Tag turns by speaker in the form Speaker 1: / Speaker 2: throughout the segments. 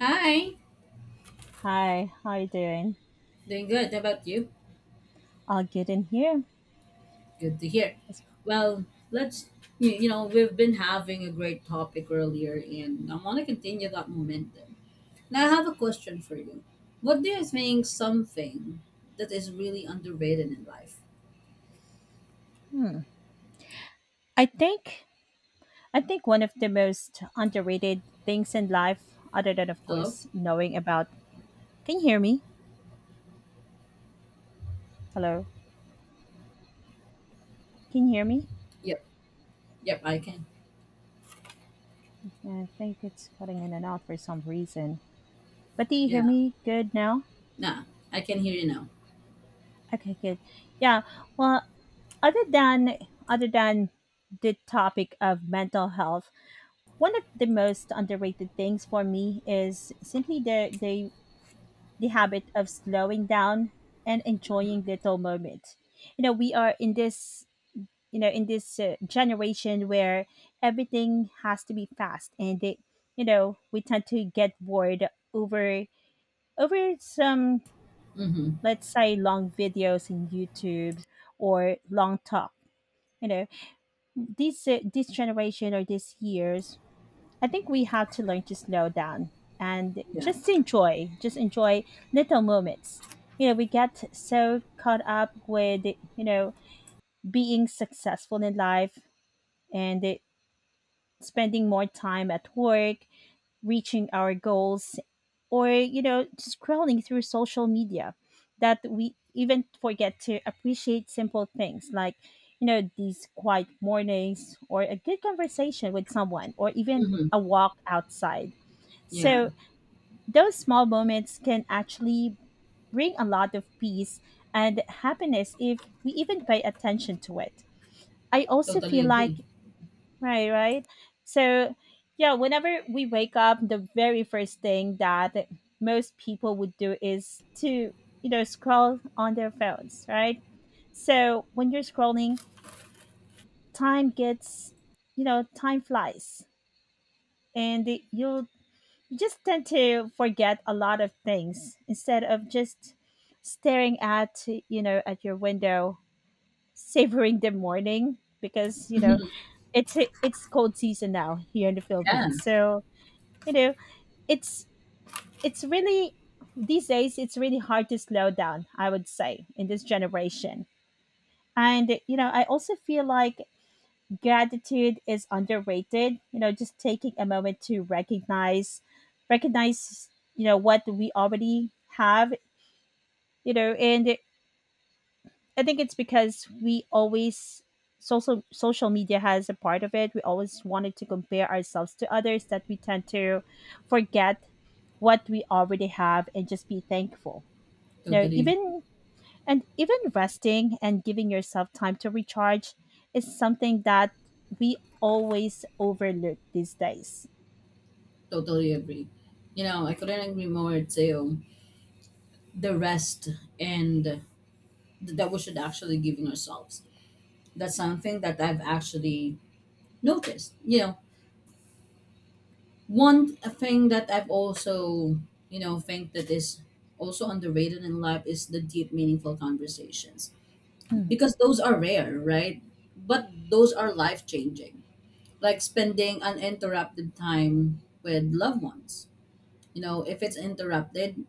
Speaker 1: Hi,
Speaker 2: Hi, how you doing?
Speaker 1: doing good. How about you?
Speaker 2: I'll get in here.
Speaker 1: Good to hear.
Speaker 2: It's-
Speaker 1: Well, let's, you know, We've been having a great topic earlier, and I want to continue that momentum. Now, I have a question for you. What do you think something that is really underrated in life?
Speaker 2: Hmm. I think I think one of the most underrated things in life, other than of
Speaker 1: Hello?
Speaker 2: course knowing about. Can you hear me? Hello. Can you hear me?
Speaker 1: Yep. Yep, I can.
Speaker 2: Yeah, I think it's cutting in and out for some reason. But do you hear
Speaker 1: Yeah.
Speaker 2: me good now?
Speaker 1: Nah, I can hear you now.
Speaker 2: Okay, good. Yeah. Well, other than other than the topic of mental health, one of the most underrated things for me is simply the habit of slowing down and enjoying little moments. You know, we are in this, you know, in this generation where everything has to be fast, and it, you know, we tend to get bored over some,
Speaker 1: Mm-hmm.
Speaker 2: let's say, long videos in YouTube or long talk. You know, this generation or this years, I think we have to learn to slow down and
Speaker 1: Yeah.
Speaker 2: just enjoy little moments. You know, we get so caught up with, you know, being successful in life and it, spending more time at work, reaching our goals, or, you know, scrolling through social media that we even forget to appreciate simple things like, you know, these quiet mornings or a good conversation with someone or even
Speaker 1: Mm-hmm.
Speaker 2: a walk outside,
Speaker 1: Yeah.
Speaker 2: so those small moments can actually bring a lot of peace and happiness if we even pay attention to it. I also
Speaker 1: Totally
Speaker 2: feel
Speaker 1: agree.
Speaker 2: like. Right, right. So yeah, whenever we wake up, the very first thing that most people would do is to, you know, scroll on their phones, right? So when you're scrolling, time gets, you know, time flies, and you'll just tend to forget a lot of things instead of just staring at, you know, at your window, savoring the morning, because, you know, it's cold season now here in the
Speaker 1: Yeah.
Speaker 2: Philippines. So, you know, it's it's really, these days, it's really hard to slow down, I would say, in this generation. And, you know, I also feel like gratitude is underrated, you know, just taking a moment to recognize you know what we already have, you know. And it, I think it's because we always, social media has a part of it, we always wanted to compare ourselves to others, that we tend to forget what we already have and just be thankful, you know.
Speaker 1: Totally,
Speaker 2: Even and even resting and giving yourself time to recharge is something that we always overlook these days.
Speaker 1: Totally agree. You know, I couldn't agree more too. The rest and that we should actually giving ourselves. That's something that I've actually noticed. You know, one thing that I've also, you know, think that is also underrated in life is the deep, meaningful conversations
Speaker 2: Mhm,
Speaker 1: because those are rare, right? But those are life changing. Like spending uninterrupted time with loved ones. You know, if it's interrupted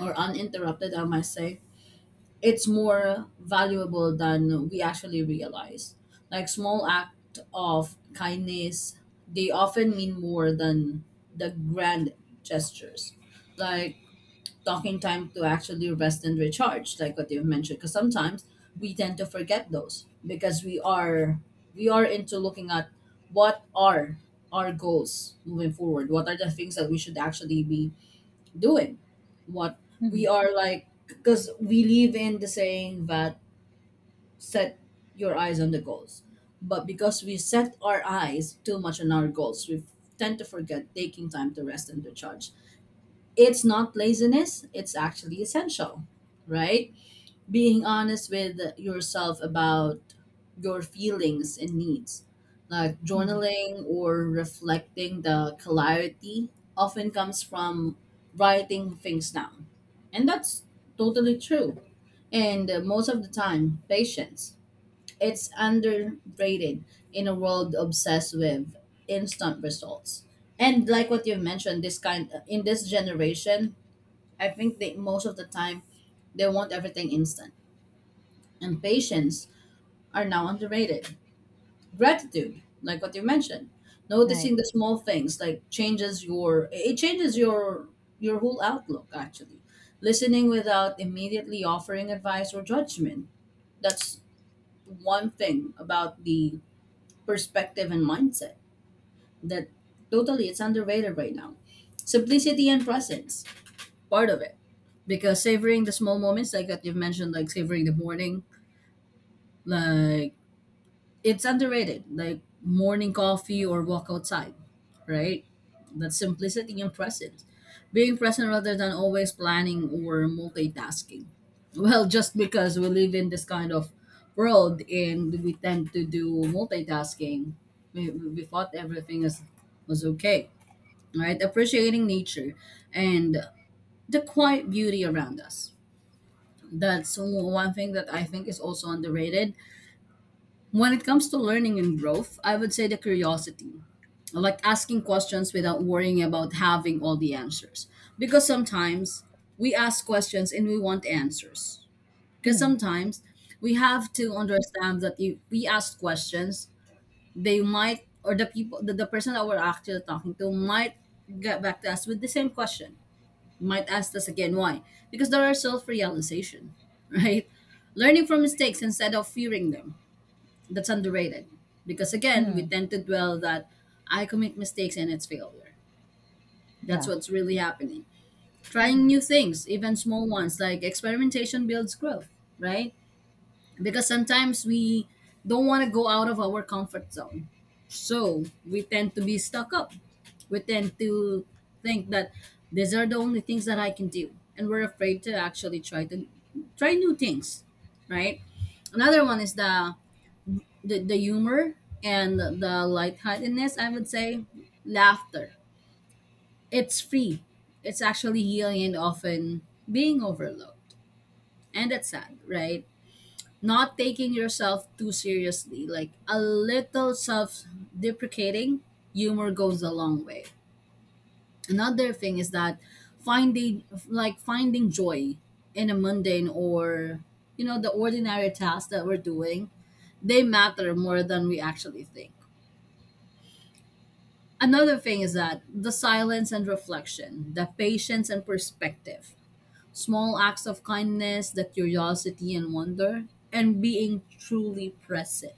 Speaker 1: or uninterrupted, I might say, it's more valuable than we actually realize. Like small act of kindness, they often mean more than the grand gestures. Like talking time to actually rest and recharge, like what you've mentioned. Because sometimes we tend to forget those because we are into looking at what are our goals moving forward. What are the things that we should actually be doing what we
Speaker 2: mhm,
Speaker 1: are like because we live in the saying that set your eyes on the goals, but because we set our eyes too much on our goals, we tend to forget taking time to rest and to charge. It's not laziness, it's actually essential, right? Being honest with yourself about your feelings and needs. Like
Speaker 2: mhm.
Speaker 1: journaling or reflecting, the clarity often comes from writing things down. And that's totally true. And most of the time, patience. It's underrated in a world obsessed with instant results. And like what you mentioned, this kind in this generation, I think they most of the time they want everything instant. And patience are now underrated. Gratitude, like what you mentioned,
Speaker 2: Right.
Speaker 1: noticing the small things like changes your it changes your whole outlook actually. Listening without immediately offering advice or judgment, that's one thing about the perspective and mindset that totally it's underrated right now. Simplicity and presence, part of it, because savoring the small moments like that you've mentioned, like savoring the morning, like it's underrated, like morning coffee or walk outside, right? That simplicity and presence. Being present rather than always planning or multitasking. Well, just because we live in this kind of world and we tend to do multitasking, we thought everything is, was okay, right? Appreciating nature and the quiet beauty around us. That's one thing that I think is also underrated when it comes to learning and growth, I would say the curiosity. I like asking questions without worrying about having all the answers. Because sometimes we ask questions and we want answers. Because
Speaker 2: Mhm,
Speaker 1: sometimes we have to understand that if we ask questions, they might, or the people, the person that we're actually talking to might get back to us with the same question, might ask us again why. Because there are self realization, right? Learning from mistakes instead of fearing them, that's underrated because again we
Speaker 2: mhm.
Speaker 1: tend to dwell that I commit mistakes and it's failure. That's
Speaker 2: Yeah.
Speaker 1: what's really happening. Trying new things, even small ones, like experimentation builds growth, right? Because sometimes we don't want to go out of our comfort zone, so we tend to be stuck up, we tend to think that these are the only things that I can do and we're afraid to actually try to try new things, right? Another one is the humor and the lightheartedness, I would say, laughter. It's free. It's actually healing and often being overlooked. And that's sad, right? Not taking yourself too seriously. Like a little self deprecating humor goes a long way. Another thing is that finding joy in a mundane or, you know, the ordinary tasks that we're doing, they matter more than we actually think. Another thing is that the silence and reflection, the patience and perspective, small acts of kindness, the curiosity and wonder, and being truly present.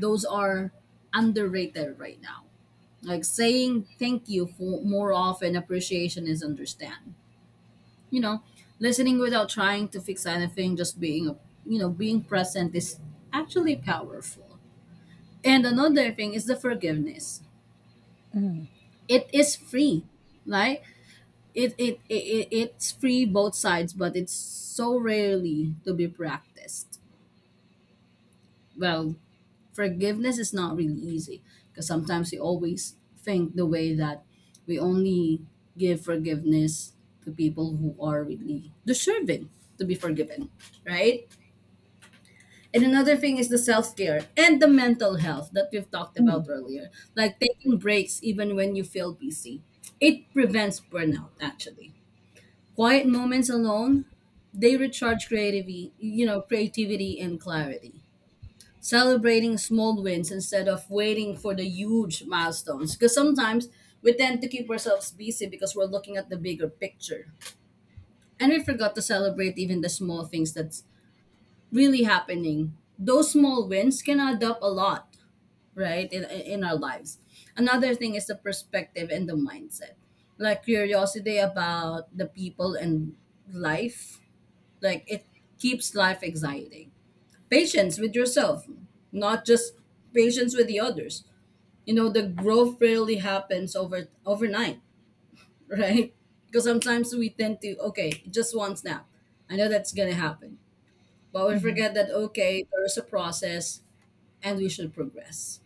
Speaker 1: Those are underrated right now. Like saying thank you for more often, appreciation is understand. You know, listening without trying to fix anything, just being, you know, being present is actually powerful. And another thing is the forgiveness.
Speaker 2: Mhm,
Speaker 1: It is free, right? It's free both sides, but it's so rarely to be practiced. Well, forgiveness is not really easy because sometimes we always think the way that we only give forgiveness to people who are really deserving to be forgiven, right? And another thing is the self care and the mental health that we've talked
Speaker 2: mhm,
Speaker 1: about earlier, like taking breaks even when you feel busy. It prevents burnout actually. Quiet moments alone, they recharge creativity, you know, creativity and clarity. Celebrating small wins instead of waiting for the huge milestones. Because sometimes we tend to keep ourselves busy because we're looking at the bigger picture. And we forgot to celebrate even the small things that's really happening. Those small wins can add up a lot, right, in our lives. Another thing is the perspective and the mindset, like curiosity about the people and life, like it keeps life exciting. Patience with yourself, not just patience with the others, you know, the growth really happens overnight. Right, because sometimes we tend to okay just one snap, I know that's gonna happen, but we
Speaker 2: mhm.
Speaker 1: forget that okay there's a process and we should progress.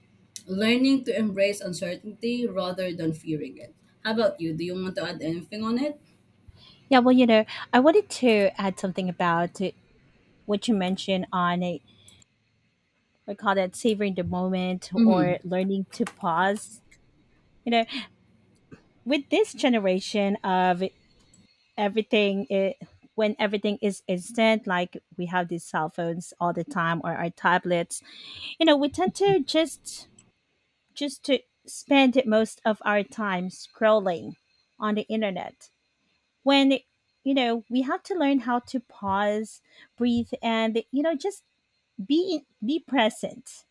Speaker 1: Learning to embrace uncertainty rather than fearing it. How about you, do you want to add anything on it?
Speaker 2: Yeah. Well, you know, I wanted to add something about, what you mentioned on a, we call that, savoring the moment
Speaker 1: Mm-hmm.
Speaker 2: or learning to pause. You know, with this generation of everything, it, when everything is instant, like we have these cell phones all the time or our tablets, you know, we tend to just to spend most of our time scrolling on the internet. When, you know, we have to learn how to pause, breathe, and, you know, just be present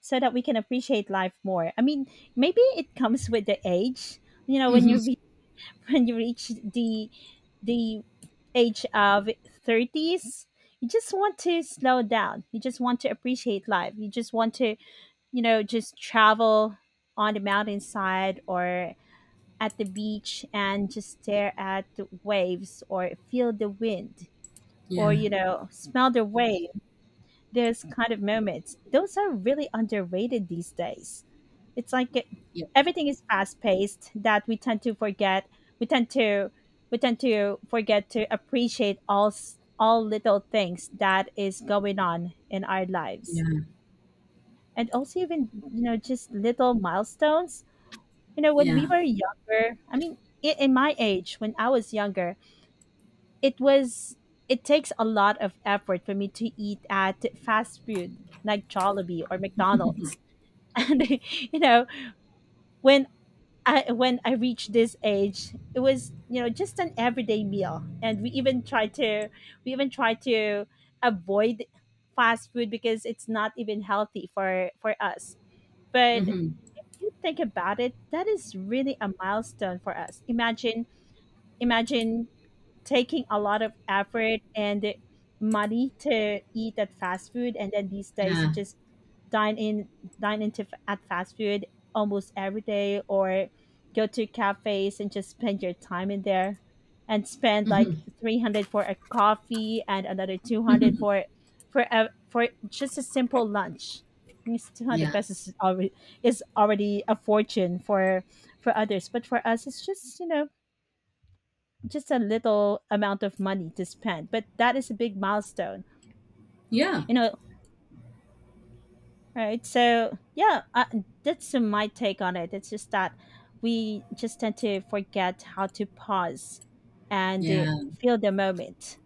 Speaker 2: so that we can appreciate life more. I mean, maybe it comes with the age, you know, when you
Speaker 1: Mm-hmm.
Speaker 2: when you reach the age of 30s. You just want to slow down, you just want to appreciate life, you just want to, you know, just travel on the mountainside or at the beach and just stare at the waves or feel the wind, or,
Speaker 1: Yeah.
Speaker 2: you know, smell the waves. Those kind of moments, those are really underrated these days. It's like
Speaker 1: Yeah.
Speaker 2: everything is fast paced that we tend to forget. We tend to we tend to forget to appreciate all all little things that is going on in our lives,
Speaker 1: Yeah.
Speaker 2: and also, even, you know, just little milestones. You know, when we
Speaker 1: Yeah.
Speaker 2: were younger, I mean, in my age, when I was younger, it was it takes a lot of effort for me to eat at fast food like Jollibee or McDonald's. And, you know, when I reached this age, it was, you know, just an everyday meal. And we even try to avoid fast food because it's not even healthy for us. But
Speaker 1: Mm-hmm.
Speaker 2: you think about it, that is really a milestone for us. Imagine, imagine taking a lot of effort and money to eat at fast food, and then these days you
Speaker 1: Yeah.
Speaker 2: just dine in dine at fast food almost every day, or go to cafes and just spend your time in there and spend like
Speaker 1: Mm-hmm.
Speaker 2: 300 for a coffee and another 200 for just a simple lunch. Means 200
Speaker 1: Yeah,
Speaker 2: pesos is already a fortune for others but for us it's just, you know, just a little amount of money to spend, but that is a big milestone,
Speaker 1: yeah,
Speaker 2: you know, right? So, yeah, that's my take on it. It's just that we just tend to forget how to pause and,
Speaker 1: yeah,
Speaker 2: feel the moment.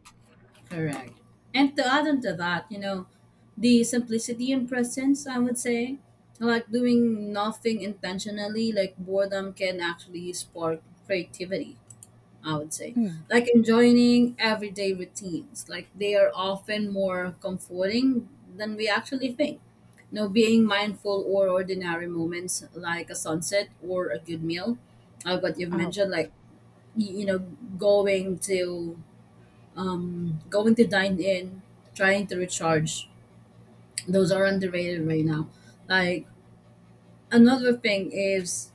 Speaker 1: correct. And to add on to that, you know, the simplicity and presence, I would say, like doing nothing intentionally, like boredom can actually spark creativity, I would say.
Speaker 2: Mm.
Speaker 1: Like enjoying everyday routines, like they are often more comforting than we actually think. You know, being mindful or ordinary moments like a sunset or a good meal, what you've
Speaker 2: Oh,
Speaker 1: mentioned, like, you know, going to going to dine in, trying to recharge. Those are underrated right now. Like another thing is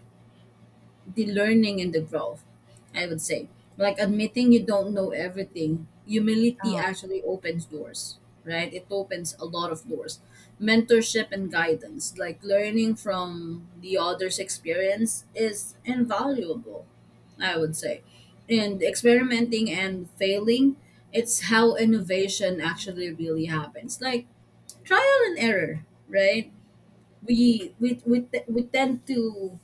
Speaker 1: the learning and the growth, I would say. Like admitting you don't know everything, humility
Speaker 2: oh,
Speaker 1: actually opens doors, right? It opens a lot of doors. Mentorship and guidance, like learning from the other's experience, is invaluable, I would say. And experimenting and failing, it's how innovation actually really happens. Like trial and error, right? We we we, te- we tend to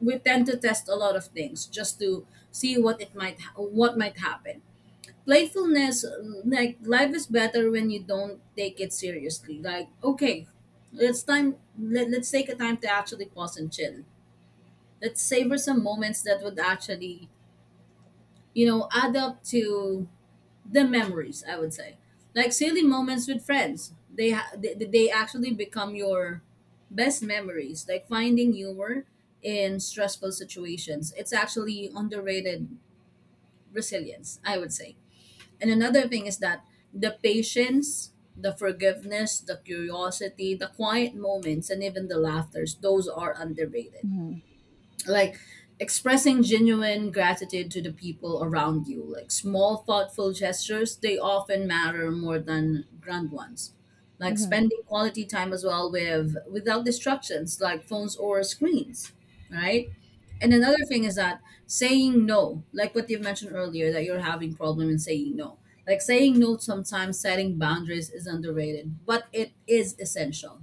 Speaker 1: we tend to test a lot of things just to see what it might what might happen. Playfulness, like life is better when you don't take it seriously, like okay it's time let's take a time to actually pause and chill. Let's savor some moments that would actually, you know, add up to the memories, I would say. Like silly moments with friends, they actually become your best memories. Like finding humor in stressful situations, it's actually underrated. Resilience, I would say. And another thing is that the patience, the forgiveness, the curiosity, the quiet moments, and even the laughters, those are underrated.
Speaker 2: mm-hmm,
Speaker 1: Like expressing genuine gratitude to the people around you, like small thoughtful gestures, they often matter more than grand ones. Like
Speaker 2: mm-hmm,
Speaker 1: spending quality time as well with without distractions like phones or screens, right? And another thing is that saying no, like what you mentioned earlier that you're having problem in saying no, like saying no sometimes setting boundaries is underrated but it is essential.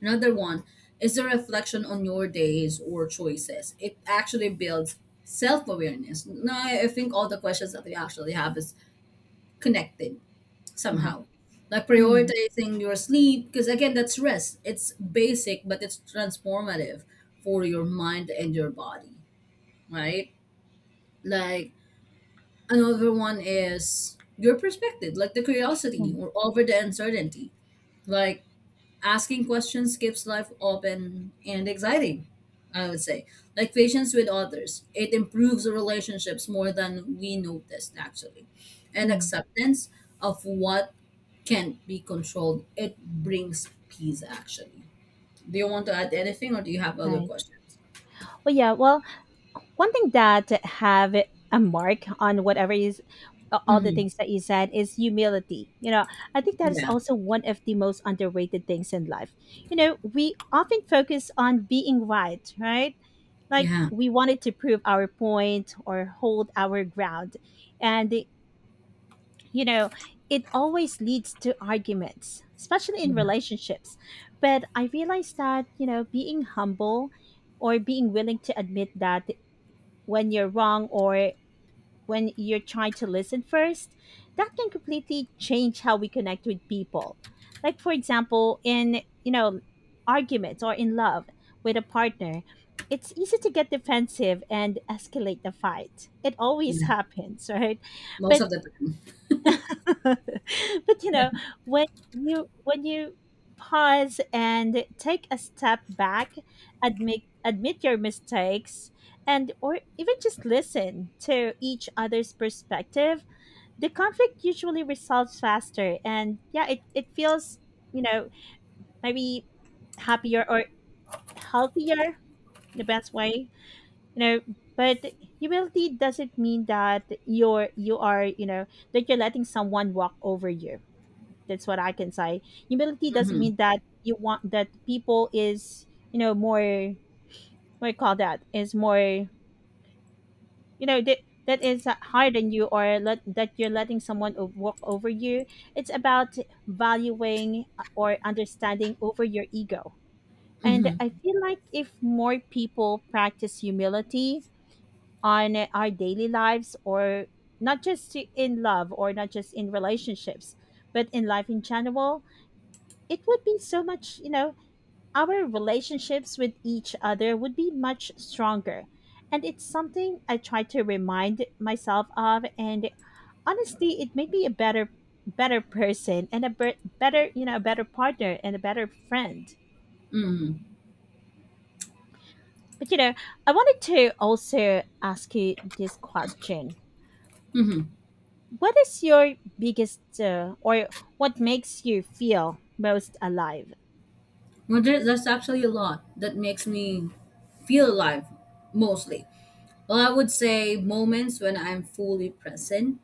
Speaker 1: Another one is a reflection on your days or choices. It actually builds self awareness. Now, I think all the questions that we actually have is connected
Speaker 2: right.
Speaker 1: somehow. Like
Speaker 2: Mm-hmm,
Speaker 1: prioritizing your sleep, because again, that's rest. It's basic, but it's transformative for your mind and your body, right? Like another one is your perspective, like the curiosity or over the uncertainty. Like asking questions keeps life open and exciting, I would say. Like patience with others, it improves relationships more than we noticed actually. And
Speaker 2: mm-hmm,
Speaker 1: acceptance of what can't be controlled, it brings peace actually. Do you want to add anything or do you have other
Speaker 2: right.
Speaker 1: questions?
Speaker 2: Well, yeah, well, one thing that have a mark on whatever is all the
Speaker 1: Mm-hmm.
Speaker 2: things that you said is humility. You know, I think that is
Speaker 1: Yeah.
Speaker 2: also one of the most underrated things in life. You know, we often focus on being right, right? Like
Speaker 1: Yeah.
Speaker 2: we wanted to prove our point or hold our ground. And, you know, it always leads to arguments, especially in
Speaker 1: Yeah.
Speaker 2: relationships. But I realized that, you know, being humble, or being willing to admit that when you're wrong, or when you're trying to listen first, that can completely change how we connect with people. Like, for example, in, you know, arguments or in love with a partner, it's easy to get defensive and escalate the fight. It always
Speaker 1: Yeah,
Speaker 2: happens, right?
Speaker 1: most
Speaker 2: But
Speaker 1: of the time.
Speaker 2: but, you know, when you pause and take a step back, admit your mistakes, and or even just listen to each other's perspective, the conflict usually resolves faster, and, yeah, it feels, you know, maybe happier or healthier, in the best way, you know. But humility doesn't mean that you are, that you're letting someone walk over you. That's what I can say. Humility doesn't
Speaker 1: Hmm.
Speaker 2: mean that you want that people is, you know, more, what do you call that, is more, you know, that is higher than you, or that you're letting someone walk over you. It's about valuing, or understanding over your ego. And
Speaker 1: Hmm.
Speaker 2: I feel like if more people practice humility on our daily lives, or not just in love, or not just in relationships, but in life in general, it would be so much, you know, our relationships with each other would be much stronger. And it's something I try to remind myself of. And honestly, it made me a better person, and a ber- better, you know, a better partner and a better friend. But, you know, I wanted to also ask you this question. What is your biggest, or what makes you feel most alive?
Speaker 1: Well, there's actually a lot that makes me feel alive, mostly. Well, I would say moments when I'm fully present,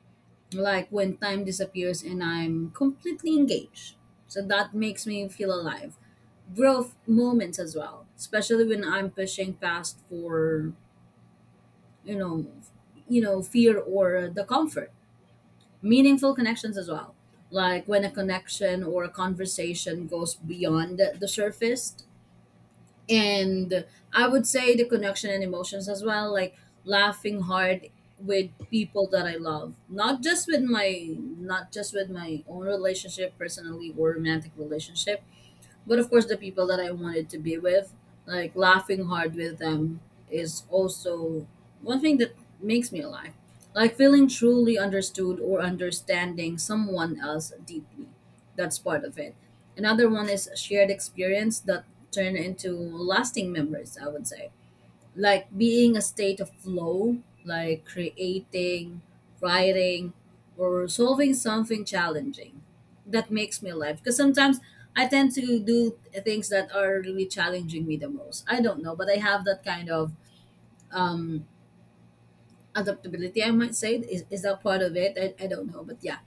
Speaker 1: like when time disappears and I'm completely engaged. So that makes me feel alive. Growth moments as well, especially when I'm pushing past for, you know, you know, fear or the comfort. Meaningful connections as well. Like when a connection or a conversation goes beyond the surface. And I would say the connection and emotions as well, like laughing hard with people that I love, not just with my own relationship, personally or romantic relationship, but of course, the people that I wanted to be with, like laughing hard with them, is also one thing that makes me alive. Like feeling truly understood or understanding someone else deeply. That's part of it. Another one is shared experience that turn into lasting memories, I would say, like being a state of flow, like creating, writing, or solving something challenging that makes me alive. Because sometimes I tend to do things that are really challenging me the most. I don't know, but I have that kind of um, adaptability, I might say. Is that part of it? I don't know, but yeah,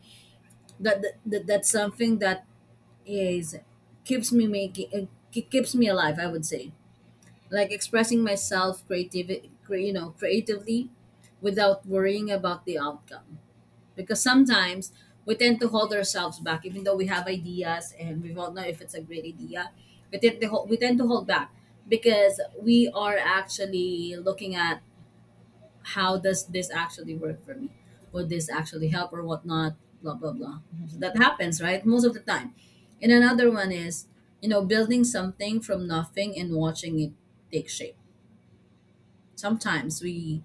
Speaker 1: that's something that is keeps me making it keeps me alive. I would say, like expressing myself creativity, creatively, without worrying about the outcome. Because sometimes we tend to hold ourselves back, even though we have ideas and we don't know if it's a great idea, we tend to hold back, because we are actually looking at how does this actually work for me, would this actually help or whatnot, blah blah blah. So that happens, right, most of the time. And another one is, you know, building something from nothing and watching it take shape. sometimes we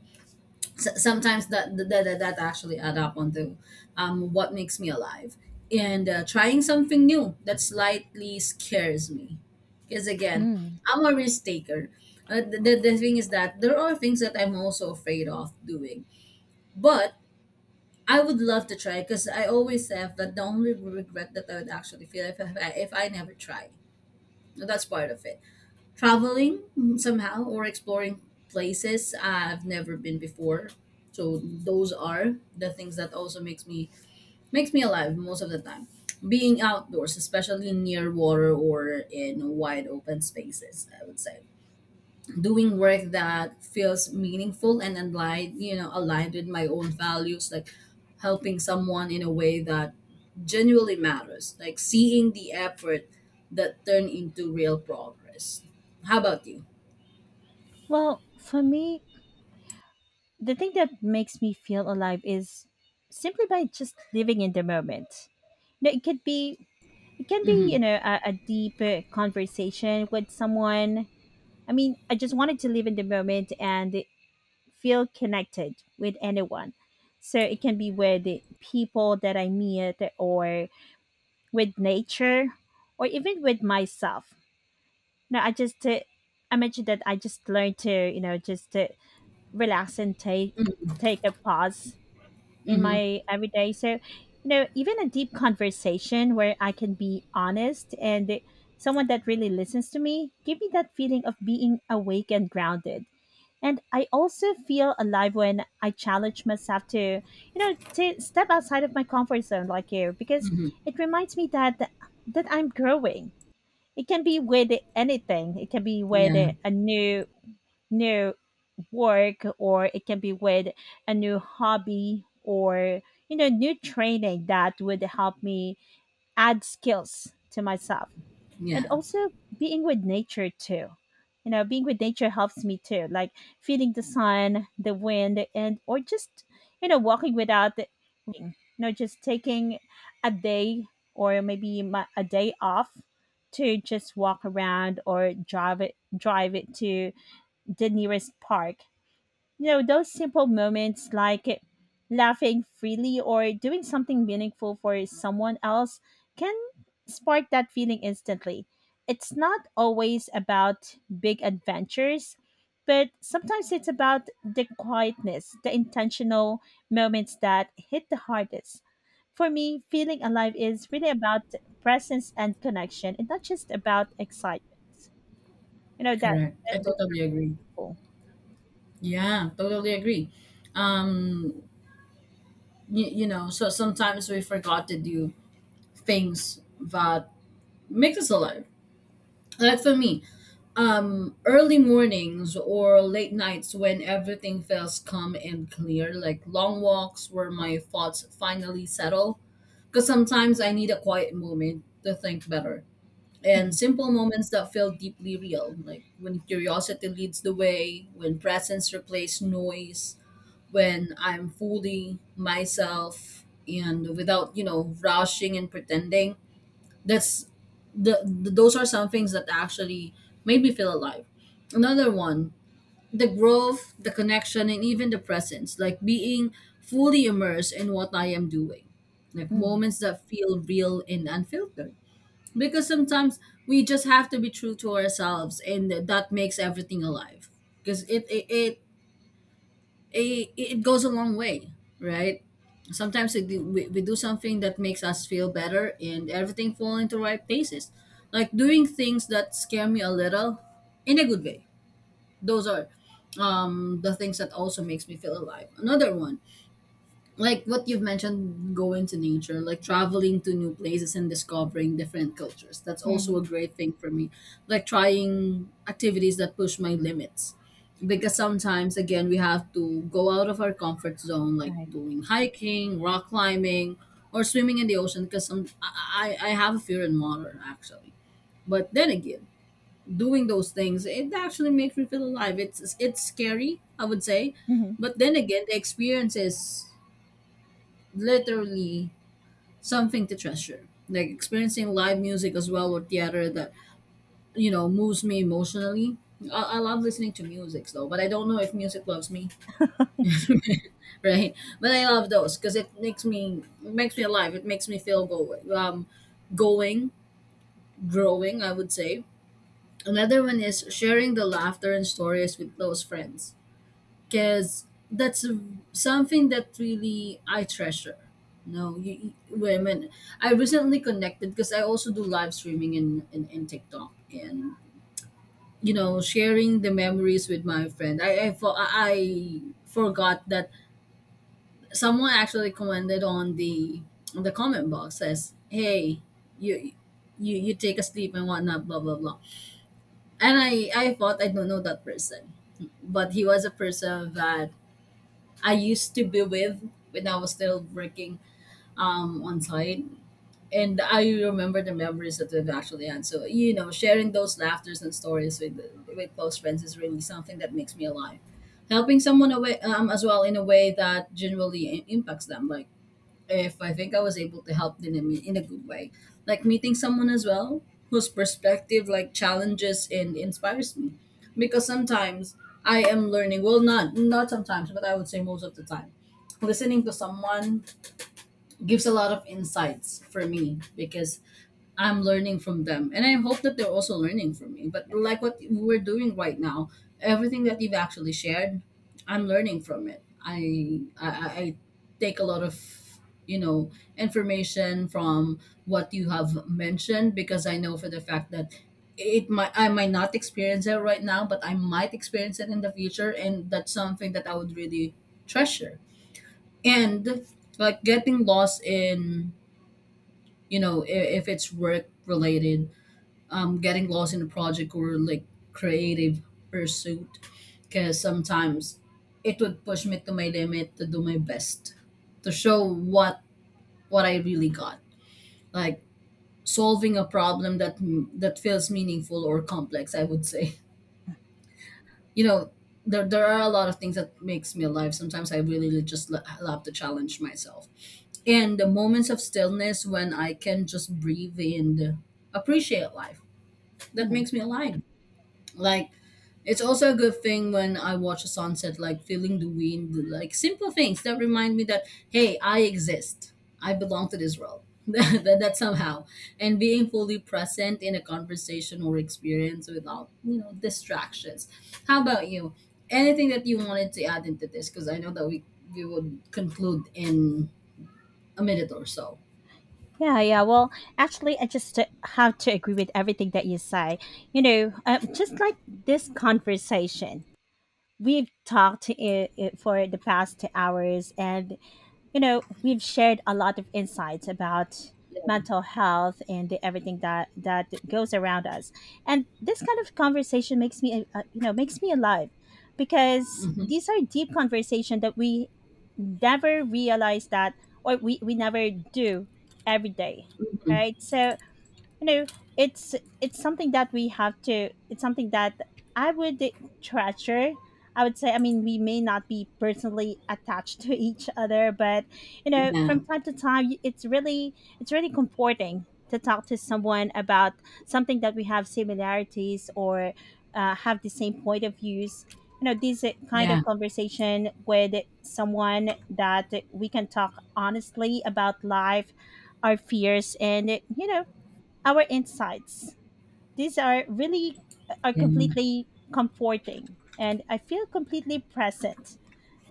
Speaker 1: Sometimes that actually add up onto what makes me alive. And trying something new that slightly scares me, because again,
Speaker 2: Mm.
Speaker 1: I'm a risk taker. The thing is that there are things that I'm also afraid of doing, but I would love to try, because I always have that, the only regret that I would actually feel if I never try. And that's part of it. Traveling, mm, somehow, or exploring places I've never been before. So those are the things that also makes me alive most of the time. Being outdoors, especially near water or in wide open spaces, I would say. Doing work that feels meaningful and aligned, you know, aligned with my own values, like helping someone in a way that genuinely matters, like seeing the effort that turn into real progress. How about you?
Speaker 2: Well, for me, the thing that makes me feel alive is simply by just living in the moment. You know, it can be, you
Speaker 1: Mhm.
Speaker 2: know, a deep conversation with someone. I mean, I just wanted to live in the moment and feel connected with anyone. So it can be with the people that I meet, or with nature, or even with myself. No, I just, I mentioned that I just learned to, you know, just relax and take,
Speaker 1: Mm,
Speaker 2: take a pause in
Speaker 1: mhm,
Speaker 2: my everyday. So, you know, even a deep conversation where I can be honest, and someone that really listens to me, give me that feeling of being awake and grounded. And I also feel alive when I challenge myself to, you know, to step outside of my comfort zone, like you, because
Speaker 1: mhm.
Speaker 2: it reminds me that I'm growing. It can be with anything. It can be with
Speaker 1: Yeah,
Speaker 2: a new work, or it can be with a new hobby, or, you know, new training that would help me add skills to myself. And
Speaker 1: yeah.
Speaker 2: also being with nature too. You know, being with nature helps me too, like feeling the sun, the wind, and, or just, you know, walking without the, you know, just taking a day, or maybe my, a day off, to just walk around or drive it to the nearest park. You know, those simple moments like laughing freely or doing something meaningful for someone else can spark that feeling instantly. It's not always about big adventures, but sometimes it's about the quietness, the intentional moments that hit the hardest. For me, feeling alive is really about presence and connection, and not just about excitement. You know, that,
Speaker 1: Correct. I
Speaker 2: that's
Speaker 1: totally
Speaker 2: really
Speaker 1: agree.
Speaker 2: meaningful.
Speaker 1: Yeah, totally agree. Um, you know, so sometimes we forgot to do things that make us alive. Like for me, early mornings or late nights when everything feels calm and clear, like long walks where my thoughts finally settle. Because sometimes I need a quiet moment to think better, and
Speaker 2: Mhm,
Speaker 1: simple moments that felt deeply real, like when curiosity leads the way, when presence replaces noise, when I'm fully myself and without, rushing and pretending. That's the those are some things that actually made me feel alive. Another one, the growth, the connection, and even the presence, like being fully immersed in what I am doing. Like
Speaker 2: mhm,
Speaker 1: moments that feel real and unfiltered, because sometimes we just have to be true to ourselves, and that makes everything alive. Because it goes a long way, right? Sometimes we do something that makes us feel better and everything fall into right places, like doing things that scare me a little in a good way. Those are the things that also makes me feel alive. Another one, like what you've mentioned, going to nature, like traveling to new places and discovering different cultures, that's also
Speaker 2: mhm.
Speaker 1: a great thing for me. Like trying activities that push my limits, because sometimes again, we have to go out of our comfort zone, like
Speaker 2: Right.
Speaker 1: doing hiking, rock climbing, or swimming in the ocean. Because some, I have a fear in water actually, but then again, doing those things, it actually makes me feel alive. It's scary, I would say,
Speaker 2: Mhm,
Speaker 1: but then again, the experience is literally something to treasure. Like experiencing live music as well, or theater that, you know, moves me emotionally. I love listening to music though, but I don't know if music loves me, right? But I love those because it makes me alive. It makes me feel going, going, growing, I would say. Another one is sharing the laughter and stories with close friends, because that's a- something that really I treasure. No, you women. I recently connected because I also do live streaming in, in TikTok, and you know, sharing the memories with my friend. I forgot that someone actually commented on the comment box, says, "Hey, you. You take a sleep and whatnot, blah blah blah." And I thought I don't know that person, but he was a person that I used to be with when I was still working on site. And I remember the memories that we've actually had. So, you know, sharing those laughters and stories with close friends is really something that makes me alive. Helping someone away, as well in a way that impacts them. Like, if I think I was able to help them in a good way. Like meeting someone as well whose perspective, like, challenges and inspires me. Because sometimes I am learning, well, not sometimes, but I would say most of the time. Listening to someone gives a lot of insights for me because I'm learning from them. And I hope that they're also learning from me. But like what we're doing right now, everything that you've actually shared, I'm learning from it. I take a lot of, you know, information from what you have mentioned, because I know for the fact that it might I might not experience it right now, but I might experience it in the future, and that's something that I would really treasure. And like getting lost in, you know, if it's work related, getting lost in a project or like creative pursuit, because sometimes it would push me to my limit to do my best, to show what I really got. Like solving a problem that feels meaningful or complex, I would say, you know, there are a lot of things that makes me alive. Sometimes I really really just love to challenge myself. And the moments of stillness when I can just breathe and appreciate life, that
Speaker 2: mhm.
Speaker 1: makes me alive. Like, it's also a good thing when I watch a sunset, like feeling the wind, like simple things that remind me that, hey, I exist. I belong to this world. That somehow. And being fully present in a conversation or experience without, you know, distractions. How about you? Anything that you wanted to add into this? Because I know that we would conclude in a minute or so.
Speaker 2: Yeah, yeah. Well, actually, I just, have to agree with everything that you say. You know, just like this conversation, we've talked for the past 2 hours, and, you know, we've shared a lot of insights about
Speaker 1: Yeah.
Speaker 2: mental health, and the, everything that goes around us. And this kind of conversation makes me, you know, makes me alive, because
Speaker 1: Hmm.
Speaker 2: these are deep conversations that we never realize that, or we, never do every day,
Speaker 1: Hmm.
Speaker 2: right? So, you know, it's it's something that we have to, it's something that I would treasure, I would say. I mean, we may not be personally attached to each other, but, you know,
Speaker 1: Yeah. Yeah.
Speaker 2: from time to time, it's really, it's really comforting to talk to someone about something that we have similarities, or, have the same point of views. You know, this kind of conversation with someone that we can talk honestly about life, our fears, and, you know, our insights. These are really, are
Speaker 1: Yeah.
Speaker 2: completely comforting, and I feel completely present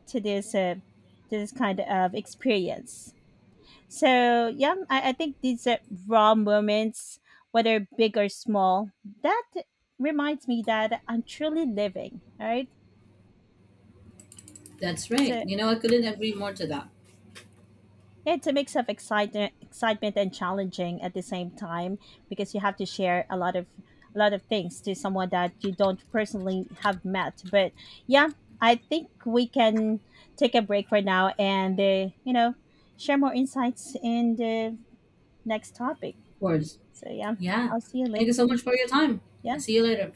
Speaker 2: to this, to this kind of experience. So, yeah, I think these, raw moments, whether big or small, that reminds me that I'm truly living. Right.
Speaker 1: That's right.
Speaker 2: So.
Speaker 1: You know, I couldn't agree more to that.
Speaker 2: Yeah, it's a mix of excitement, and challenging at the same time, because you have to share a lot of, things to someone that you don't personally have met. But, yeah, I think we can take a break for now, and, you know, share more insights in the next topic.
Speaker 1: Of course.
Speaker 2: So yeah,
Speaker 1: Yeah.
Speaker 2: I'll see you
Speaker 1: Thank
Speaker 2: later.
Speaker 1: you so much for your time.
Speaker 2: Yeah.
Speaker 1: See you later.